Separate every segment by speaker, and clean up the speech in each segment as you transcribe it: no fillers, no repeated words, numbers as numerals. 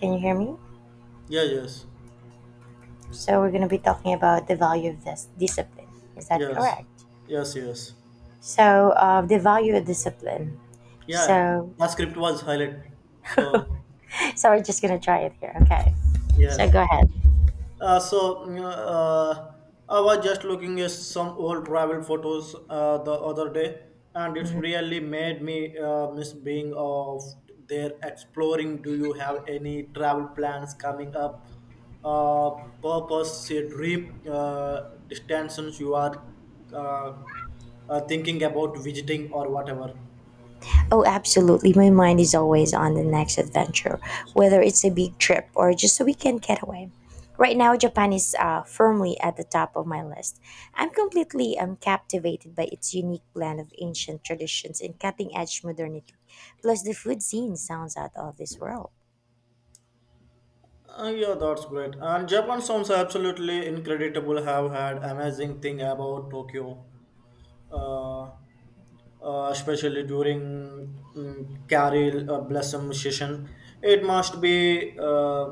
Speaker 1: Can you hear me?
Speaker 2: Yeah, yes.
Speaker 1: So we're going to be talking about the value of this discipline. Is that
Speaker 2: Yes.
Speaker 1: correct?
Speaker 2: Yes, yes.
Speaker 1: So the value of discipline.
Speaker 2: Yeah,
Speaker 1: So
Speaker 2: that script was highlight. So,
Speaker 1: so we're just going to try it here. Okay. So
Speaker 2: yes.
Speaker 1: go ahead.
Speaker 2: Uh, so, mm, uh, I was just looking at some old travel photos the other day, and it's
Speaker 1: Mhm.
Speaker 2: really made me miss being of there exploring. Do you have any travel plans coming up? Uh, Purpose, a dream, destinations you are uh, thinking about visiting or whatever?
Speaker 1: Oh, absolutely. My mind is always on the next adventure, whether it's a big trip or just a weekend getaway. Right now, Japan is firmly at the top of my list. I'm completely captivated by its unique blend of ancient traditions and cutting edge modernity. Plus, the food scene sounds out of this world.
Speaker 2: Yeah, that's great. And Japan sounds absolutely incredible. Have had amazing thing about Tokyo, uh, especially during Carol Blossom session. It must be uh,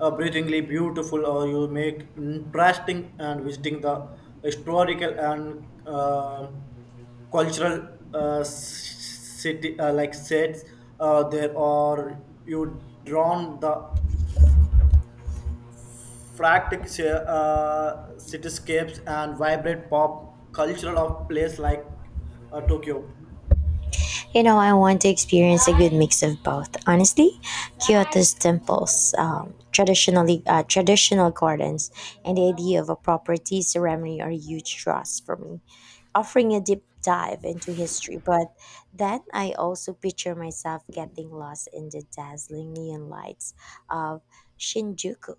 Speaker 2: uh, breathingly beautiful, or you make interesting and visiting the historical and cultural city like sets there, or you drawn the frantic cityscapes and vibrant pop cultural of place like Tokyo.
Speaker 1: I want to experience a good mix of both. Honestly, Kyoto's temples, traditional gardens, and the idea of a proper tea ceremony are huge draws for me, offering a deep dive into history. But then I also picture myself getting lost in the dazzling neon lights of Shinjuku.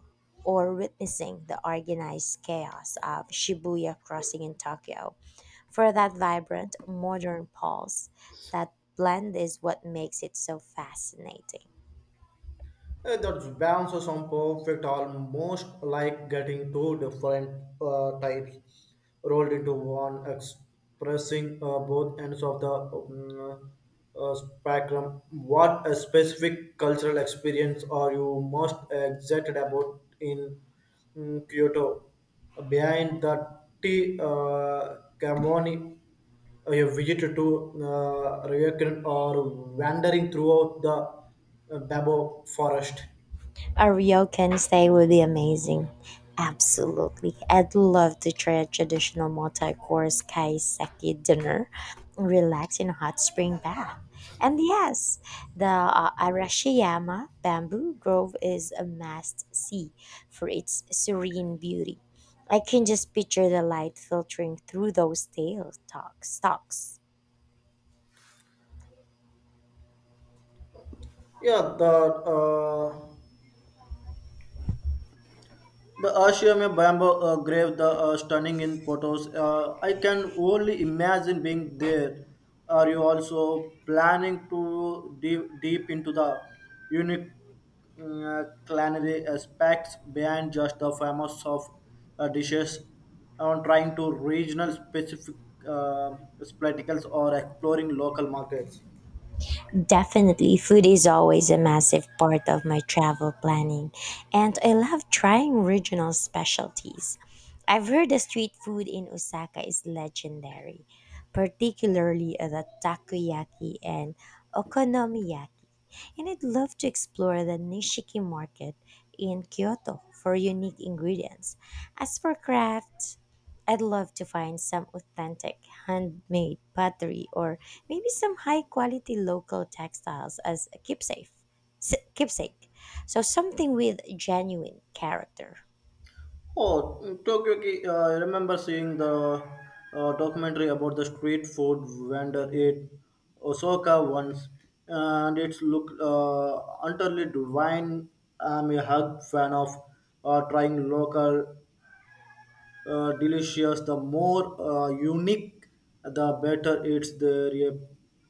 Speaker 1: Or witnessing the organized chaos of Shibuya crossing in Tokyo for that vibrant modern pulse. That blend is what makes it so fascinating.
Speaker 2: The balance was on perfect, almost like getting two different types rolled into one, expressing both ends of the spectrum. What a specific cultural experience are you most excited about in Kyoto? Behind the tea ceremony a visit to Ryukyu or wandering throughout the Babo forest.
Speaker 1: A ryokan stay would be amazing. Absolutely. I'd love to try a traditional multi-course kaiseki dinner, relax in a hot spring bath. And yes, the Arashiyama bamboo grove is a must-see for its serene beauty. I can just picture the light filtering through those tail stalks.
Speaker 2: Yeah, the Ashiyame Bamboo grave, the stunning in photos. I can only imagine being there. Are you also planning to deep into the unique culinary aspects beyond just the famous of dishes? On trying to regional specific uh, spectacles or exploring local markets.
Speaker 1: Definitely, food is always a massive part of my travel planning, and I love trying regional specialties. I've heard the street food in Osaka is legendary, particularly the takoyaki and okonomiyaki. And I'd love to explore the Nishiki market in Kyoto for unique ingredients. As for crafts, I'd love to find some authentic handmade pottery or maybe some high quality local textiles as a keepsake. Keepsake. So something with genuine character.
Speaker 2: Oh, Tokyo, I remember seeing the documentary about the street food vendor at Osaka once, and it's look utterly divine. I'm a hug fan of trying local delicious. The more unique, the better. It's there a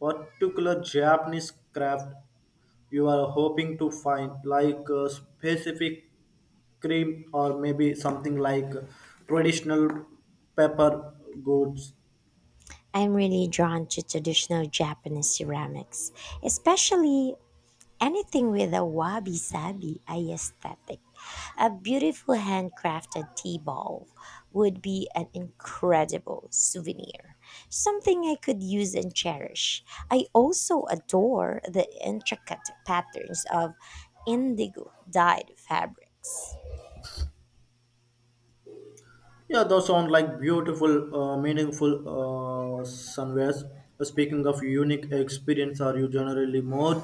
Speaker 2: particular Japanese craft you are hoping to find, like a specific cream or maybe something like traditional pepper goods.
Speaker 1: I'm really drawn to traditional Japanese ceramics, especially anything with a wabi sabi aesthetic. A beautiful handcrafted tea ball would be an incredible souvenir, something I could use and cherish. I also adore the intricate patterns of indigo dyed fabrics.
Speaker 2: Yeah, those sound like beautiful meaningful somewheres. Speaking of unique experience, are you generally more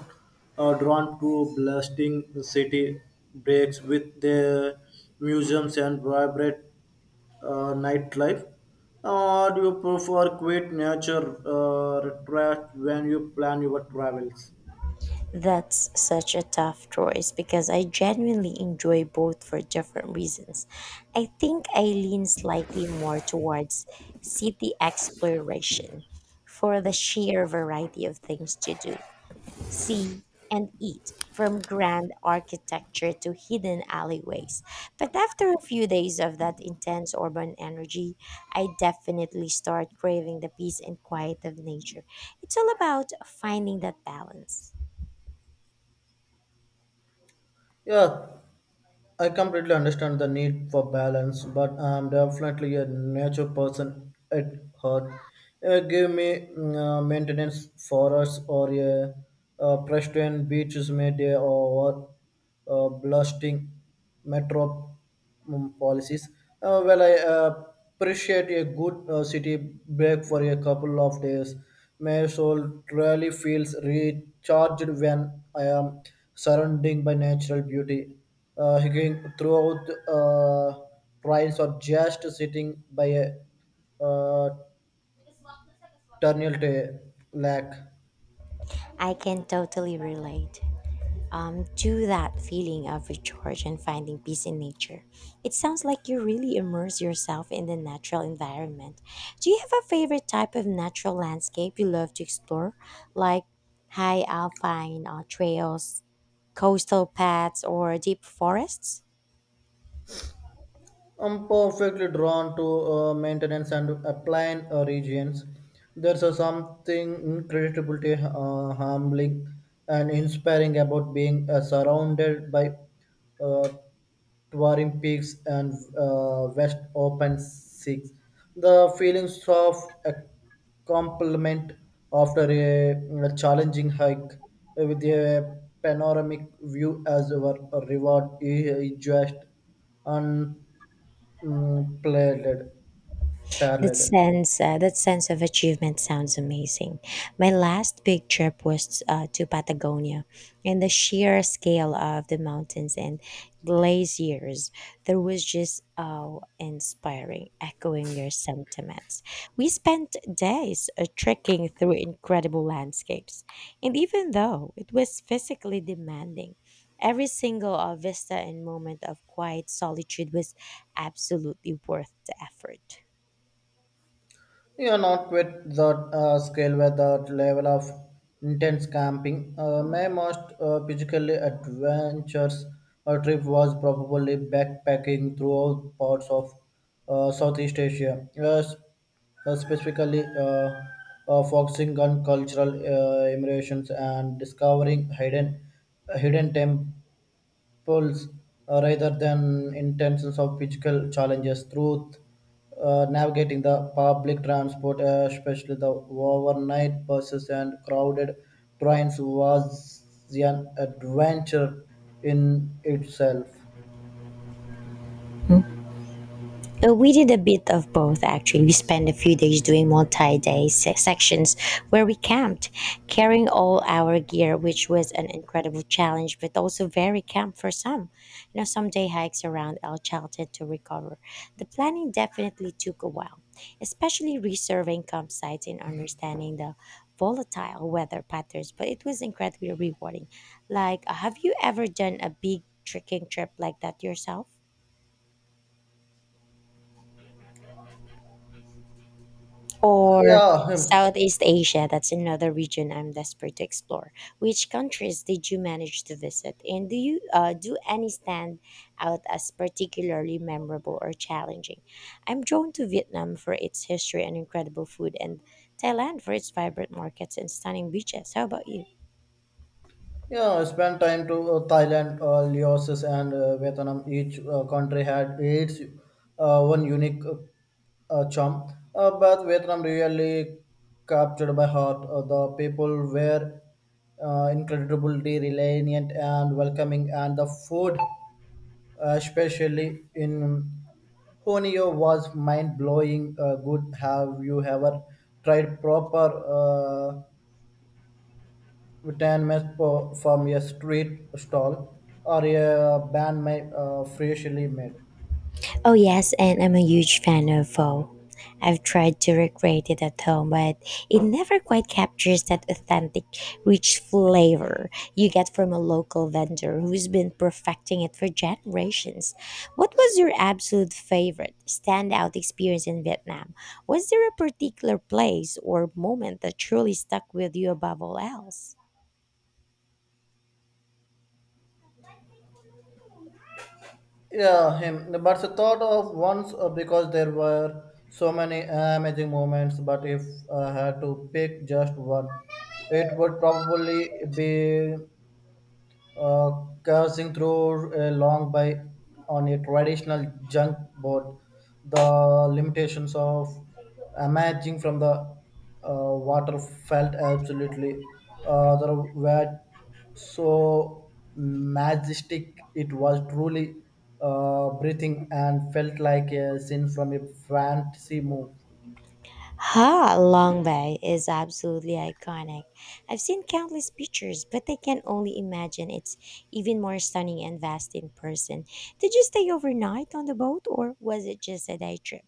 Speaker 2: drawn to blasting city breaks with their museums and vibrant nightlife, or do you prefer quiet nature retreat when you plan your travels?
Speaker 1: That's such a tough choice because I genuinely enjoy both for different reasons. I think I lean slightly more towards city exploration for the sheer variety of things to do, see, and eat, from grand architecture to hidden alleyways. But after a few days of that intense urban energy, I definitely start craving the peace and quiet of nature. It's all about finding that balance.
Speaker 2: Yeah, I completely understand the need for balance, but I'm definitely a nature person at heart. Give me maintenance forests or a pristine beaches, mayday or blasting metro policies. Well, I appreciate a good city break for a couple of days. My soul truly feels recharged when I am surrounded by natural beauty. Hiking throughout trails or just sitting by a terminal lake.
Speaker 1: I can totally relate to that feeling of recharge and finding peace in nature. It sounds like you really immerse yourself in the natural environment. Do you have a favorite type of natural landscape you love to explore, like high alpine trails, coastal paths, or deep forests?
Speaker 2: I'm perfectly drawn to maintenance and applying regions. There's a something incredibly humbling and inspiring about being surrounded by uh, towering peaks and west open seas. The feelings of a compliment after a challenging hike with a panoramic view as our reward is just unparalleled. Plated,
Speaker 1: That
Speaker 2: paralleled.
Speaker 1: sense, uh, that sense of achievement sounds amazing. My last big trip was to Patagonia, and the sheer scale of the mountains and glaciers there was just awe inspiring, echoing your sentiments. We spent days trekking through incredible landscapes, and even though it was physically demanding. Every single vista and moment of quiet solitude was absolutely worth the effort.
Speaker 2: You are not with that scale where that level of intense camping. My most physically adventurous trip was probably backpacking throughout parts of Southeast Asia. Yes, specifically focusing on cultural immersions and discovering hidden temp goals rather than in terms of physical challenges through navigating the public transport, especially the overnight buses and crowded trains, was an adventure in itself.
Speaker 1: Ừ. We did a bit of both actually. We spent a few days doing multi day sections where we camped, carrying all our gear, which was an incredible challenge, but also very camp for some. Some day hikes around El Chalten to recover. The planning definitely took a while, especially reserving campsites and understanding the volatile weather patterns, but it was incredibly rewarding. Like, have you ever done a big trekking trip like that yourself?
Speaker 2: Uh,
Speaker 1: Or
Speaker 2: Yeah,
Speaker 1: Southeast Asia. That's another region I'm desperate to explore. Which countries did you manage to visit, and do you do any stand out as particularly memorable or challenging? I'm drawn to Vietnam for its history and incredible food, and Thailand for its vibrant markets and stunning beaches. How about you?
Speaker 2: Yeah, I spent time to Thailand, Laos, and Vietnam. Each country had its one unique charm, but Vietnam really captured my heart. The people were incredibly resilient and welcoming, and the food, especially in Honio, was mind blowing. Good. Have you ever tried proper? We can from a street stall or a band made, freshly made.
Speaker 1: Oh yes, and I'm a huge fan of Pho. I've tried to recreate it at home, but it never quite captures that authentic, rich flavor you get from a local vendor who's been perfecting it for generations. What was your absolute favorite standout experience in Vietnam? Was there a particular place or moment that truly stuck with you above all else?
Speaker 2: Yeah, him. But the thought of once because there were so many amazing moments. But if I had to pick just one, it would probably be uh, coursing through a long by on a traditional junk boat, the limitations of emerging from the water felt absolutely there were so majestic. It was truly breathing and felt like a scene from a fantasy movie.
Speaker 1: Ha Long Bay is absolutely iconic. I've seen countless pictures, but I can only imagine it's even more stunning and vast in person. Did you stay overnight on the boat or was it just a day trip?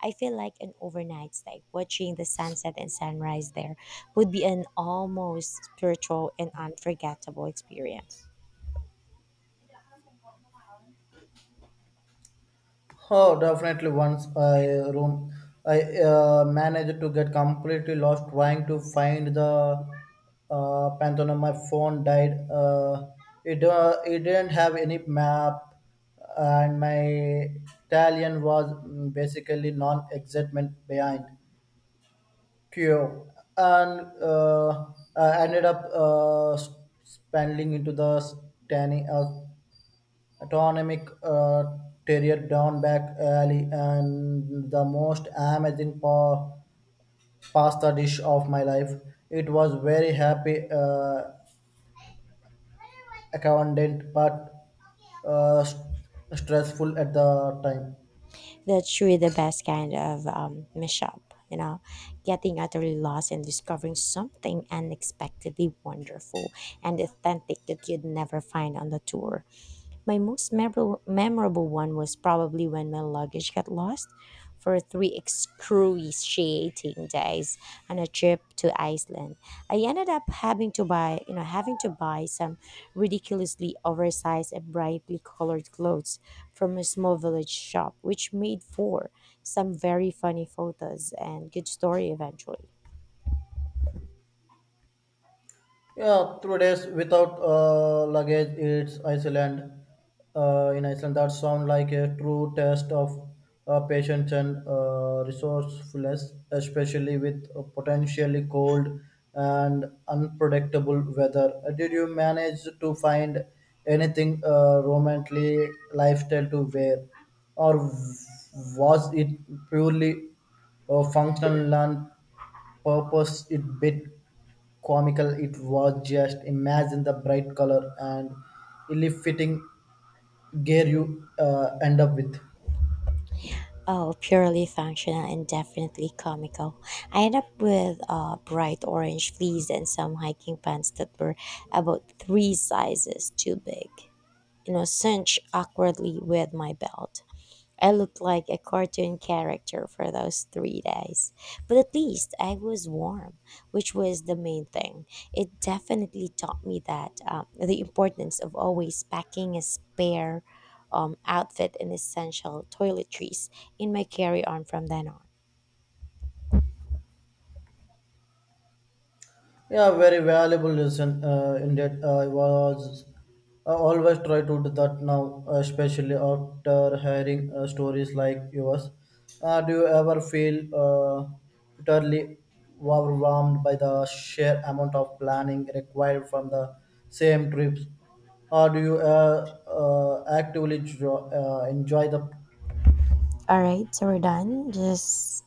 Speaker 1: I feel like an overnight stay, watching the sunset and sunrise there, would be an almost spiritual and unforgettable experience.
Speaker 2: Oh, definitely. Once I room, I managed to get completely lost trying to find the Pantheon. My phone died. It it didn't have any map, and my Italian was basically non-excitement behind Kyo, and I ended up spending into the standing. Autonomic terrier down back alley and the most amazing pasta dish of my life. It was very happy accountant but stressful at the time.
Speaker 1: That's truly the best kind of mishap, you know, getting utterly lost and discovering something unexpectedly wonderful and authentic that you'd never find on the tour. My most memorable one was probably when my luggage got lost for 3 excruciating days on a trip to Iceland. I ended up having to buy some ridiculously oversized and brightly colored clothes from a small village shop, which made for some very funny photos and good story eventually.
Speaker 2: Yeah, 3 days without luggage. It's Iceland. In Iceland, that sound like a true test of patience and resourcefulness, especially with potentially cold and unpredictable weather. Did you manage to find anything romantically lifestyle to wear, or was it purely functional and purpose? It bit comical, it was just imagine the bright color and ill fitting gear you end up with.
Speaker 1: Oh, purely functional and definitely comical. I ended up with bright orange fleece and some hiking pants that were about three sizes too big, cinched awkwardly with my belt. I looked like a cartoon character for those 3 days. But at least I was warm, which was the main thing. It definitely taught me that the importance of always packing a spare outfit and essential toiletries in my carry on from then on.
Speaker 2: Yeah, very valuable lesson. Indeed, I always try to do that now, especially after hearing stories like yours. Do you ever feel utterly overwhelmed by the sheer amount of planning required from the same trips, or do you actively enjoy the?
Speaker 1: All right, so we're done. Just